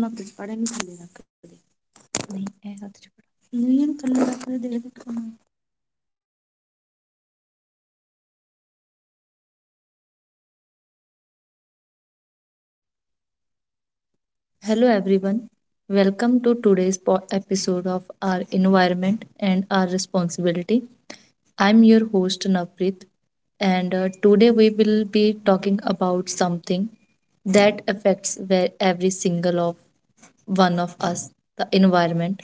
ਆਪ ਹੁਣ ਹੱਥ 'ਚ ਫੜ ਇਹਨੂੰ ਥੱਲੇ ਰੱਖ ਦੇ ਨਹੀਂ ਇਹ ਹੱਥ ਚ ਨਹੀਂ ਇਹਨੂੰ ਥੱਲੇ ਰੱਖ ਦੇ ਦੇਖ ਕਮਾਈ Hello, everyone. Welcome to today's episode of our environment and our responsibility. I'm your host Navpreet, and today we will be talking about something that affects where every single of one of us, the environment.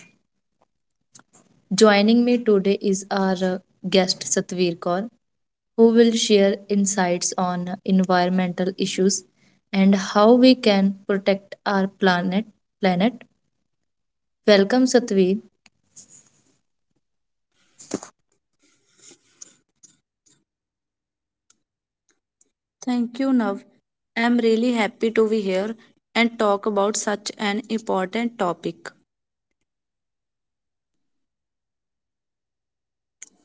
Joining me today is our guest Satveer Kaur, who will share insights on environmental issues and how we can protect our planet. Planet. Welcome, Satveer. Thank you, Nav. I'm really happy to be here and talk about such an important topic.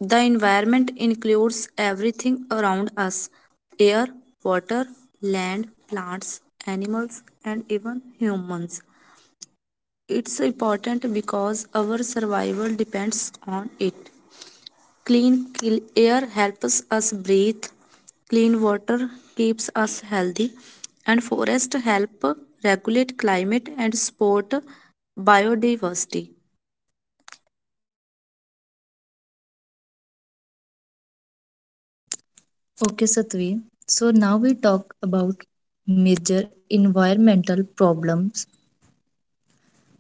The environment includes everything around us: air, water, land, plants, animals, and even humans. It's important because our survival depends on it. Clean air helps us breathe, clean water keeps us healthy, and forests help regulate climate and support biodiversity. Okay, Satveer. So now we talk about major environmental problems.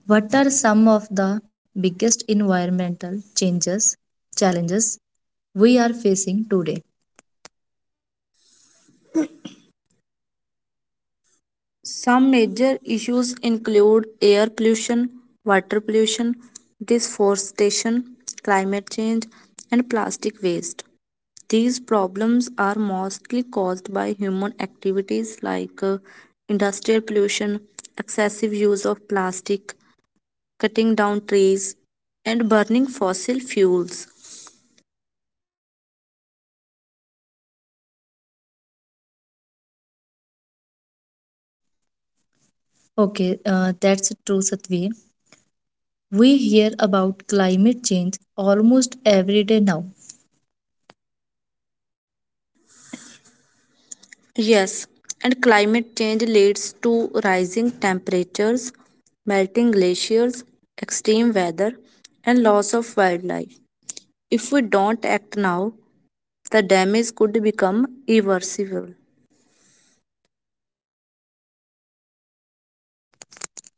What are some of the biggest environmental changes challenges we are facing today? Some major issues include air pollution, water pollution, deforestation, climate change, and plastic waste. These problems are mostly caused by human activities like industrial pollution, excessive use of plastic, cutting down trees, and burning fossil fuels. Okay, that's true, Satveer. We hear about climate change almost every day now. Yes, and climate change leads to rising temperatures, melting glaciers, extreme weather, and loss of wildlife. If we don't act now, the damage could become irreversible.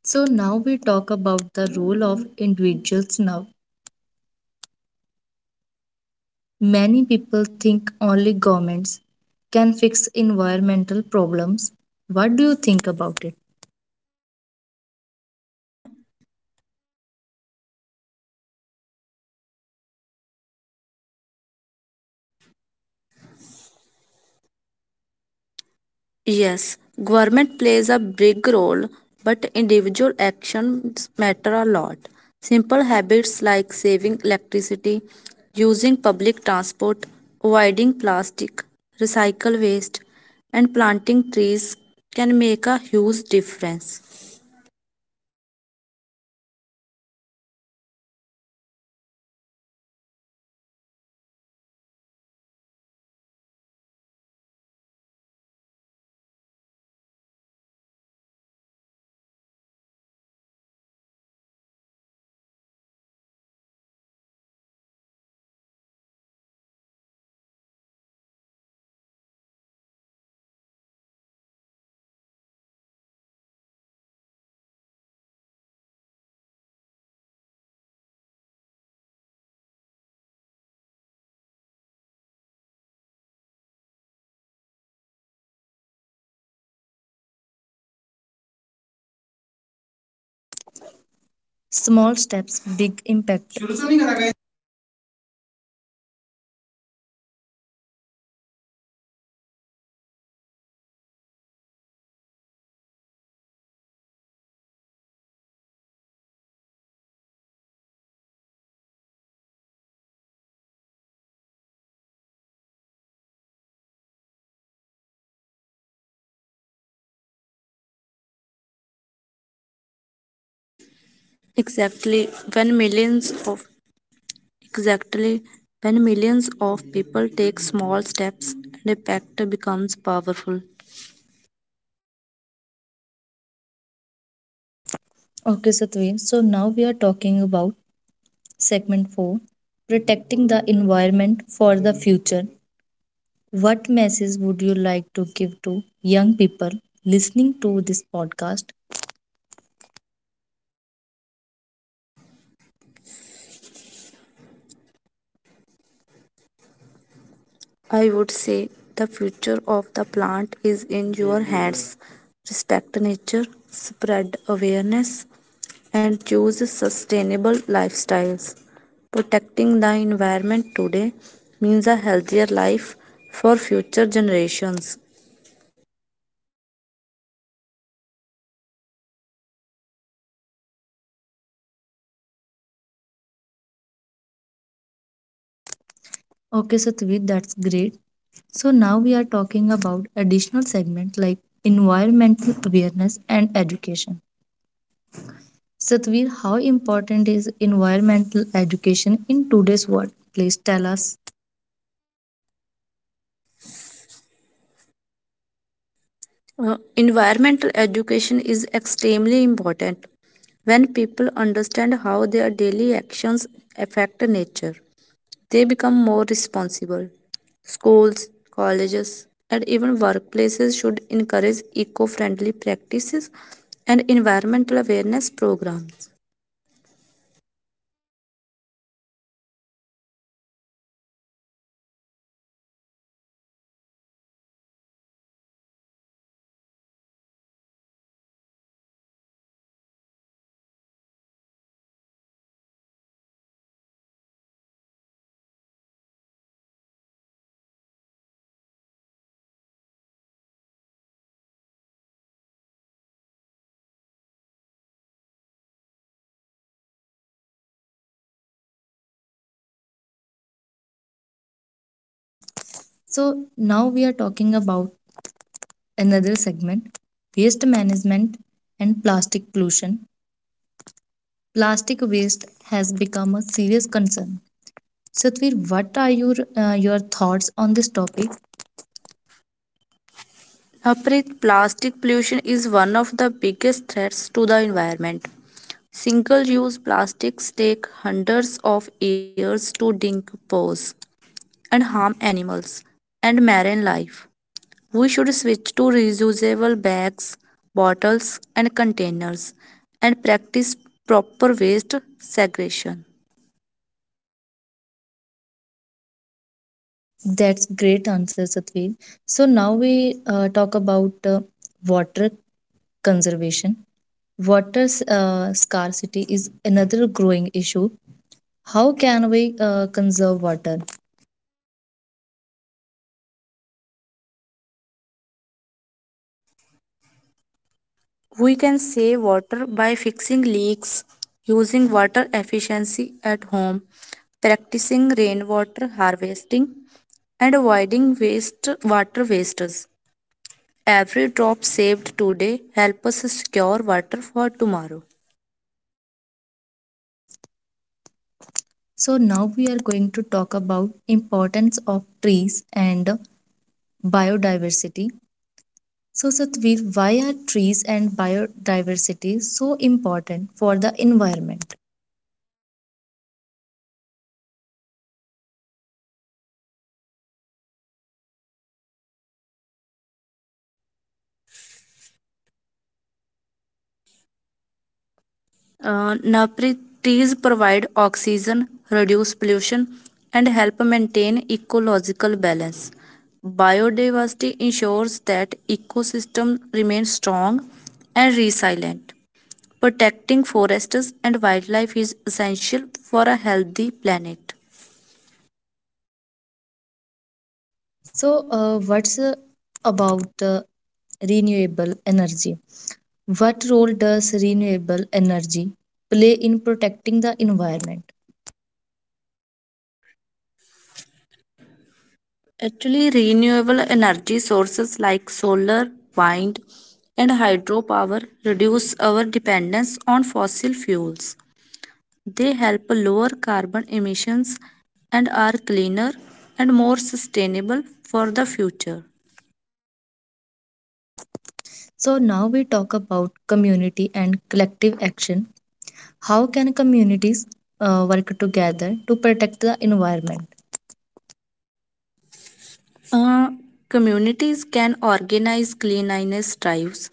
So now we talk about the role of individuals now. Many people think only governments can fix environmental problems. What do you think about it? Yes, government plays a big role, but individual actions matter a lot. Simple habits like saving electricity, using public transport, avoiding plastic, recycle waste, and planting trees can make a huge difference. Small steps, big impact. Exactly when millions of exactly when millions of people take small steps, an impact becomes powerful. Okay, Satveen. So now we are talking about segment 4, protecting the environment for the future. What message would you like to give to young people listening to this podcast? I would say the future of the plant is in your hands. Respect nature, spread awareness, and choose sustainable lifestyles. Protecting the environment today means a healthier life for future generations. Okay, Satvi, that's great. So now we are talking about additional segment like environmental awareness and education. Satvi, how important is environmental education in today's world? Please tell us. Environmental education is extremely important. When people understand how their daily actions affect nature, they become more responsible. Schools, colleges, and even workplaces should encourage eco friendly practices and environmental awareness programs. So now we are talking about another segment, waste management and plastic pollution. Plastic waste has become a serious concern. Satvir, what are your thoughts on this topic? Harpreet, plastic pollution is one of the biggest threats to the environment. Single use plastics take hundreds of years to decompose and harm animals and marine life. We should switch to reusable bags, bottles, and containers and practice proper waste segregation. That's great answer, Satveer. So now we talk about water conservation. Water scarcity is another growing issue. How can we conserve water? We can save water by fixing leaks, using water efficiency at home, practicing rainwater harvesting, and avoiding waste water wastes. Every drop saved today helps us secure water for tomorrow. So now we are going to talk about importance of trees and biodiversity. So Satveer, why are trees and biodiversity so important for the environment? Napri, trees provide oxygen, reduce pollution, and help maintain ecological balance. Biodiversity ensures that ecosystem remains strong and resilient. Protecting forests and wildlife is essential for a healthy planet. So what's about renewable energy? What role does renewable energy play in protecting the environment? Actually, renewable energy sources like solar, wind, and hydropower reduce our dependence on fossil fuels. They help lower carbon emissions and are cleaner and more sustainable for the future. So, now we talk about community and collective action. How can communities work together to protect the environment? Uh, Communities can organize cleanliness drives,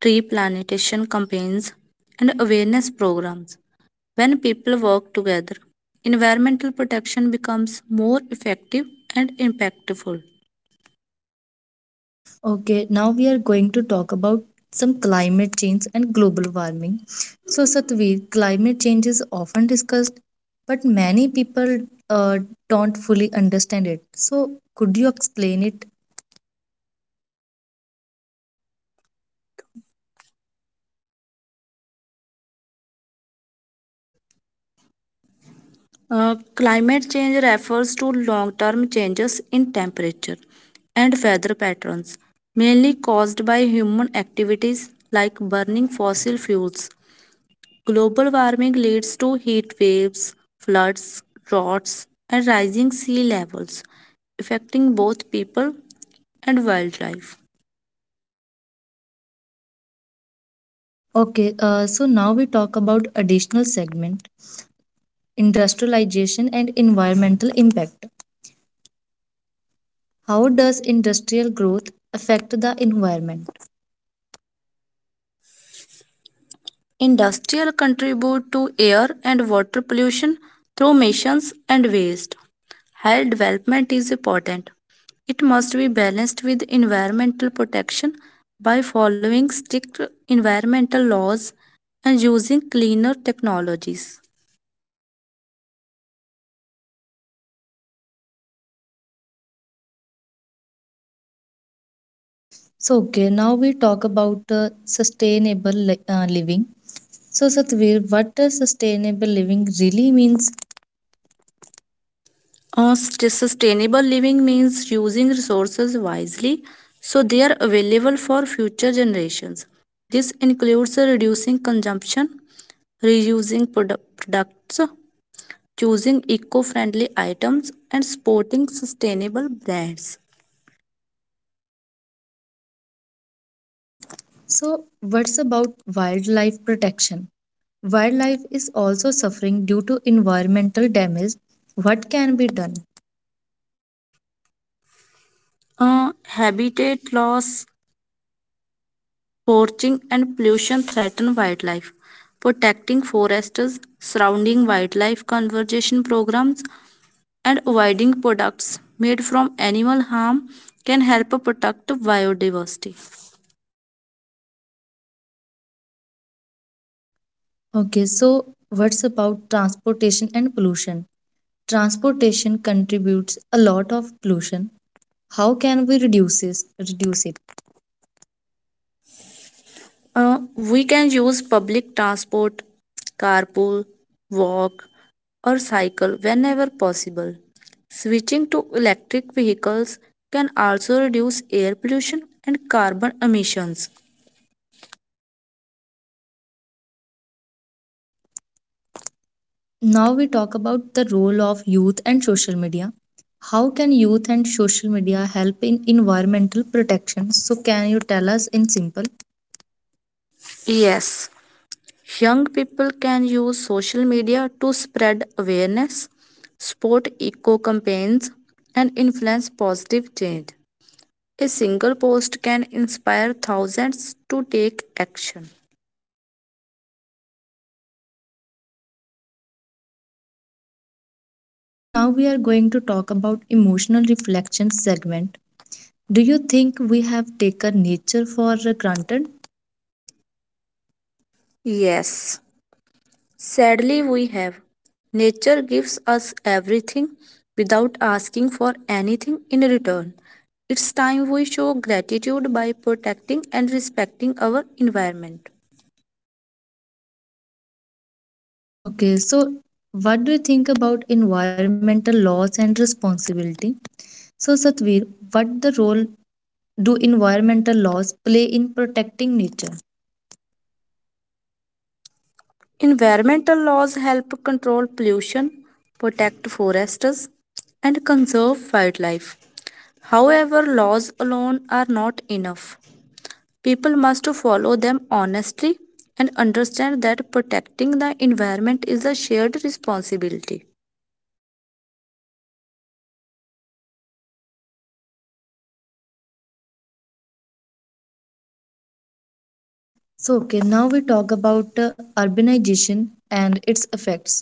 tree plantation campaigns, and awareness programs. When people work together, environmental protection becomes more effective and impactful. Okay, now we are going to talk about some climate change and global warming. So, Satvir, climate change is often discussed, but many people uh, don't fully understand it. So, could you explain it? Climate change refers to long term changes in temperature and weather patterns, mainly caused by human activities like burning fossil fuels. Global warming leads to heat waves, floods, droughts, and rising sea levels, affecting both people and wildlife. Okay, so now we talk about additional segment, industrialization and environmental impact. How does industrial growth affect the environment? Industrial contribute to air and water pollution through emissions and waste. Health development is important. It must be balanced with environmental protection by following strict environmental laws and using cleaner technologies. So, okay, now we talk about sustainable living. So, Satvir, what does sustainable living really means? Uh, Sustainable living means using resources wisely so they are available for future generations. This includes reducing consumption, reusing products, choosing eco friendly items, and supporting sustainable brands. So, what's about wildlife protection? Wildlife is also suffering due to environmental damage. What can be done? Habitat loss, poaching, and pollution threaten wildlife. Protecting forests, surrounding wildlife conservation programs, and avoiding products made from animal harm can help protect biodiversity. Okay, so what's about transportation and pollution? Transportation contributes a lot of pollution. How can we reduce it? We can use public transport, carpool, walk, or cycle whenever possible. Switching to electric vehicles can also reduce air pollution and carbon emissions. Now we talk about the role of youth and social media. How can youth and social media help in environmental protection, so can you tell us in simple? Yes, young people can use social media to spread awareness, support eco campaigns, and influence positive change. A single post can inspire thousands to take action. So now we are going to talk about emotional reflection segment. Do you think we have taken nature for granted? Yes, sadly, we have. Nature gives us everything without asking for anything in return. It's time we show gratitude by protecting and respecting our environment. Okay, so what do you think about environmental laws and responsibility? So, Satvir, what the role do environmental laws play in protecting nature? Environmental laws help control pollution, protect forests, and conserve wildlife. However, laws alone are not enough. People must follow them honestly and understand that protecting the environment is a shared responsibility. So, okay, now we talk about urbanization and its effects.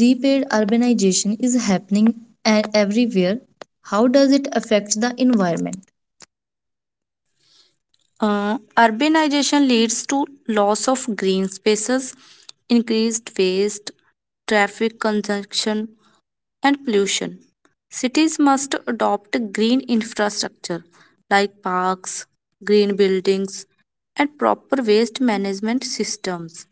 Repaid urbanization is happening everywhere. How does it affect the environment? Urbanization leads to loss of green spaces, increased waste, traffic congestion, and pollution. Cities must adopt green infrastructure like parks, green buildings, and proper waste management systems.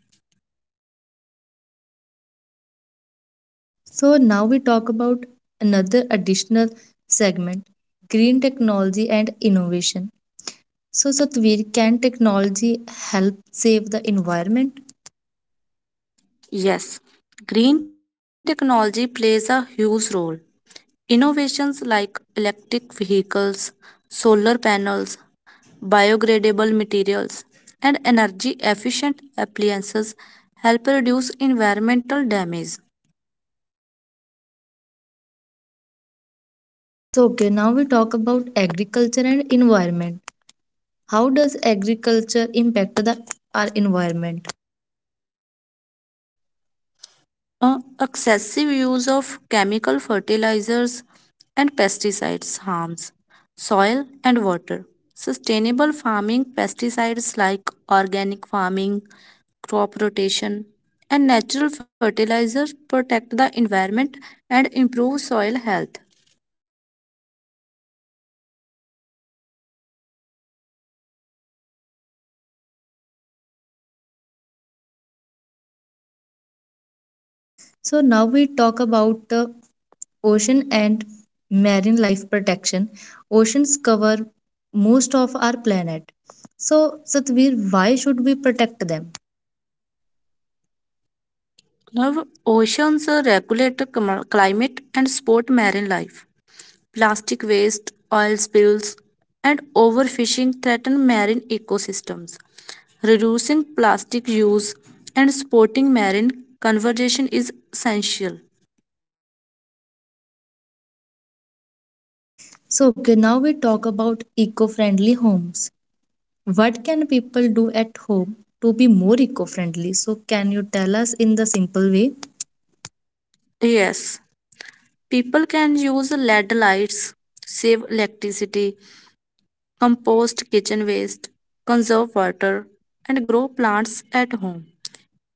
So, now we talk about another additional segment, green technology and innovation. So, Satvir, can technology help save the environment? Yes, green technology plays a huge role. Innovations like electric vehicles, solar panels, biodegradable materials, and energy efficient appliances help reduce environmental damage. So, okay, now we talk about agriculture and environment. How does agriculture impact the our environment? Uh, Excessive use of chemical fertilizers and pesticides harms soil and water. Sustainable farming pesticides like organic farming, crop rotation, and natural fertilizers protect the environment and improve soil health. So now we talk about the ocean and marine life protection. Oceans cover most of our planet, so Satvir, why should we protect them? Now, oceans regulate climate and support marine life. Plastic waste, oil spills, and overfishing threaten marine ecosystems. Reducing plastic use and supporting marine conservation is essential. So okay, now we talk about eco-friendly homes. What can people do at home to be more eco-friendly, so can you tell us in the simple way? Yes, people can use LED lights, save electricity, compost kitchen waste, conserve water, and grow plants at home.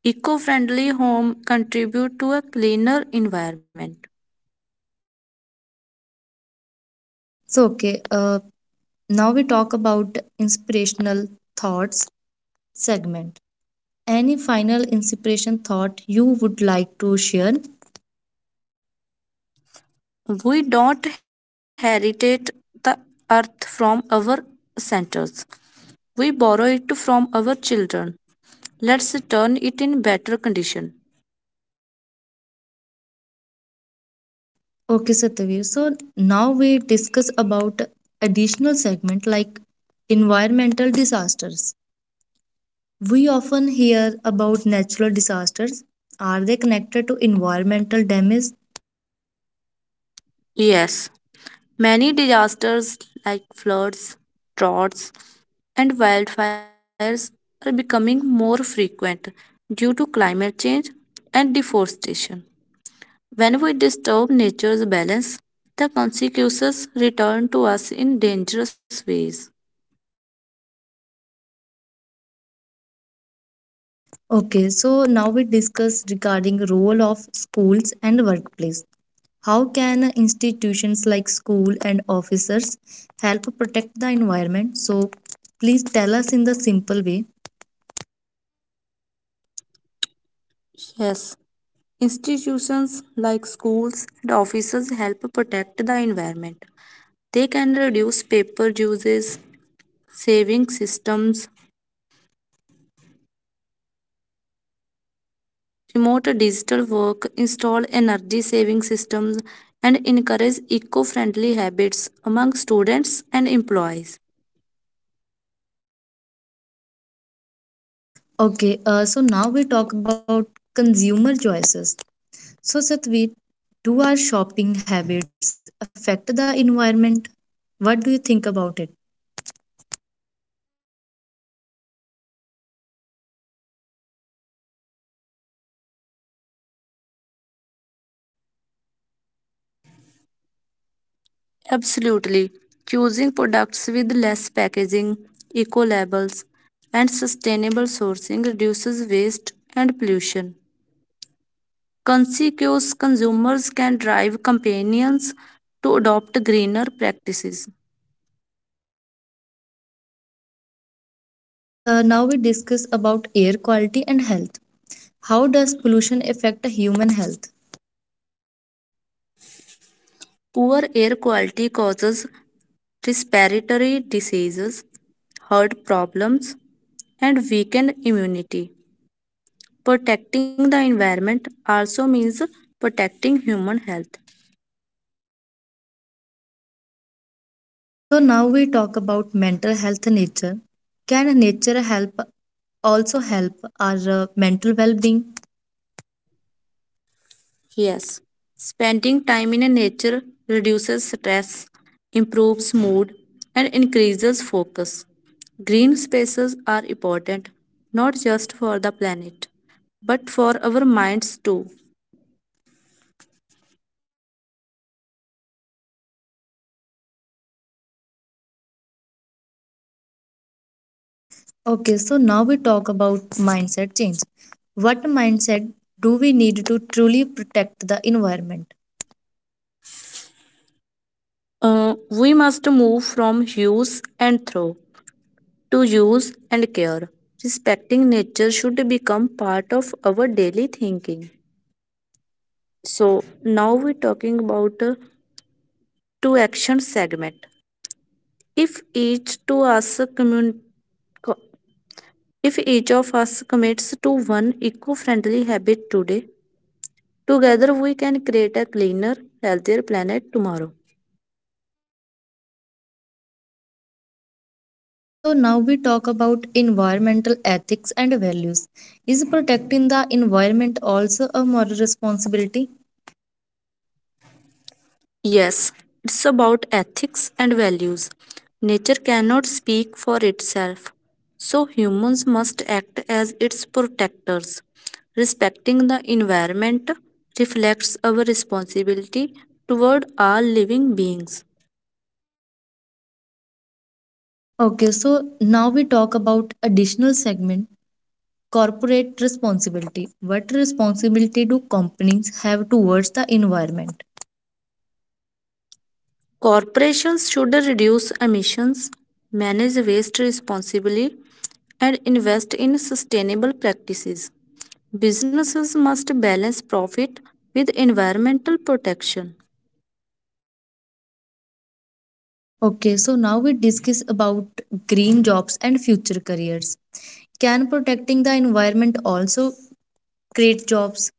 Eco-friendly home contribute to a cleaner environment. So okay, uh, now we talk about inspirational thoughts segment. Any final inspiration thought you would like to share? We don't heritate the earth from our centers. We borrow it from our children. Let's turn it in better condition. Okay, Satyadev. So now we discuss about additional segment like environmental disasters. We often hear about natural disasters. Are they connected to environmental damage? Yes, many disasters like floods, droughts, and wildfires are becoming more frequent due to climate change and deforestation. When we disturb nature's balance, the consequences return to us in dangerous ways. Okay, so now we discuss regarding role of schools and workplace. How can institutions like school and officers help protect the environment? So please tell us in the simple way. Yes, institutions like schools and offices help protect the environment. They can reduce paper uses, saving systems, promote digital work, install energy saving systems, and encourage eco friendly habits among students and employees. Okay, so now we talk about consumer choices. So, Satveer, do our shopping habits affect the environment? What do you think about it? Absolutely. Choosing products with less packaging, eco labels, and sustainable sourcing reduces waste and pollution. Conscious consumers can drive companies to adopt greener practices. So, now we discuss about air quality and health. How does pollution affect human health? Poor air quality causes respiratory diseases, heart problems, and weakened immunity. Protecting the environment also means protecting human health. So, now we talk about mental health and nature. Can nature help our mental well-being? Yes, spending time in nature reduces stress, improves mood, and increases focus. Green spaces are important not just for the planet, but for our minds too. Okay, so now we talk about mindset change. What mindset do we need to truly protect the environment? We must move from use and throw to use and care. Respecting nature should become part of our daily thinking. So now we're talking about two action segment. If each to us commun- Co- If each of us commits to one eco friendly habit today, together we can create a cleaner, healthier planet tomorrow. So now we talk about environmental ethics and values. Is protecting the environment also a moral responsibility? Yes, it's about ethics and values. Nature cannot speak for itself, so humans must act as its protectors. Respecting the environment reflects our responsibility toward all living beings. Okay, so now we talk about additional segment corporate responsibility. What responsibility do companies have towards the environment? Corporations should reduce emissions, manage waste responsibly, and invest in sustainable practices. Businesses must balance profit with environmental protection. Okay, so now we discuss about green jobs and future careers. Can protecting the environment also create jobs?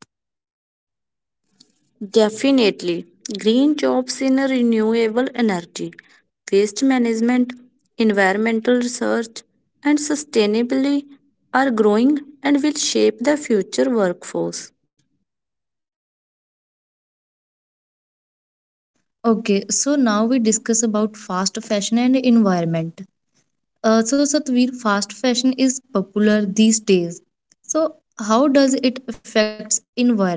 Definitely, green jobs in renewable energy, waste management, environmental research, and sustainability are growing and will shape the future workforce. Okay, so now we discuss about fast fashion and environment. So, Satveer, fast fashion is popular these days. So, how does it affects environment?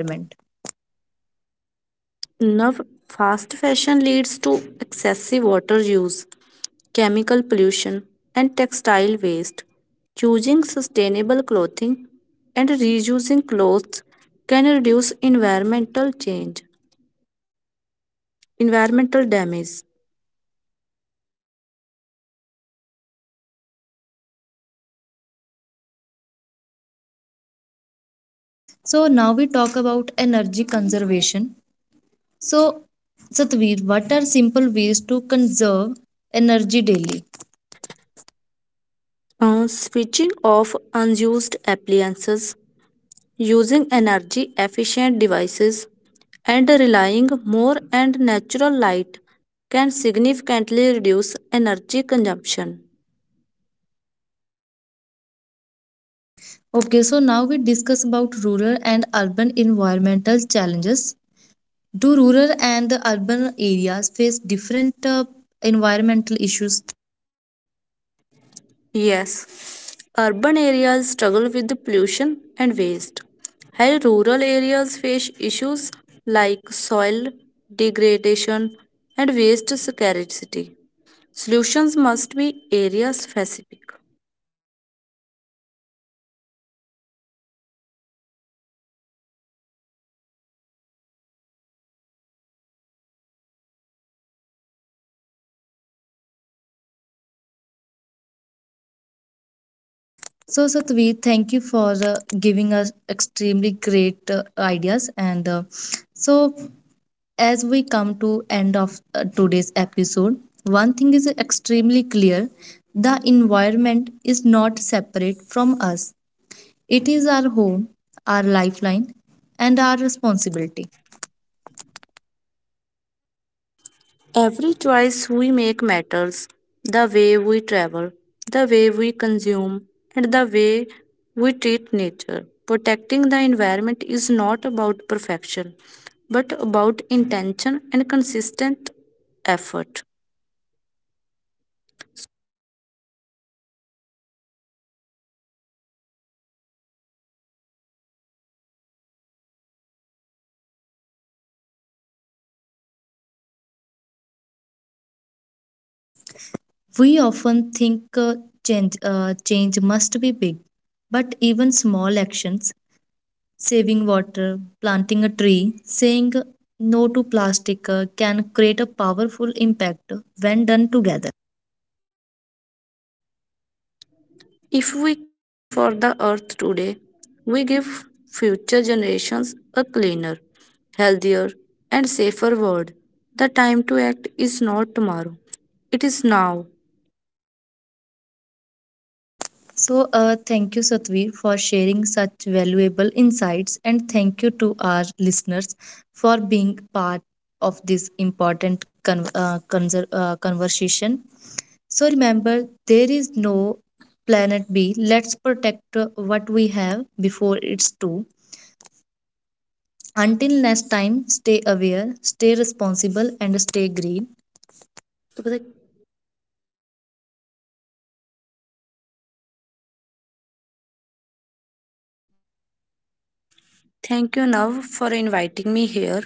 Now, fast fashion leads to excessive water use, chemical pollution, and textile waste. Choosing sustainable clothing and reusing clothes can reduce environmental damage. So, now we talk about energy conservation. So, Satveer, what are simple ways to conserve energy daily? Switching off unused appliances, using energy efficient devices, and relying more on natural light can significantly reduce energy consumption. Okay, so now we discuss about rural and urban environmental challenges. Do rural and the urban areas face different environmental issues? Yes, urban areas struggle with the pollution and waste, while rural areas face issues like soil degradation and waste scarcity. Solutions must be area specific. So, Satveer, thank you for giving us extremely great ideas. And so, as we come to end of today's episode, one thing is extremely clear: the environment is not separate from us. It is our home, our lifeline, and our Possibility. responsibility. Every choice we make matters: the way we travel, the way we consume, and the way we treat nature. Protecting the environment is not about perfection, but about intention and consistent effort. We often think change must be big, but even small actions, saving water, planting a tree, saying no to plastic can create a powerful impact when done together. If we care for the earth today, we give future generations a cleaner, healthier, and safer world. The time to act is not tomorrow, it is now. So, thank you, Satvir, for sharing such valuable insights, and thank you to our listeners for being part of this important conversation. So, remember, there is no planet B. Let's protect what we have before it's too. Until next time, stay aware, stay responsible, and stay green. तो पता है। Thank you, Nav, for inviting me here.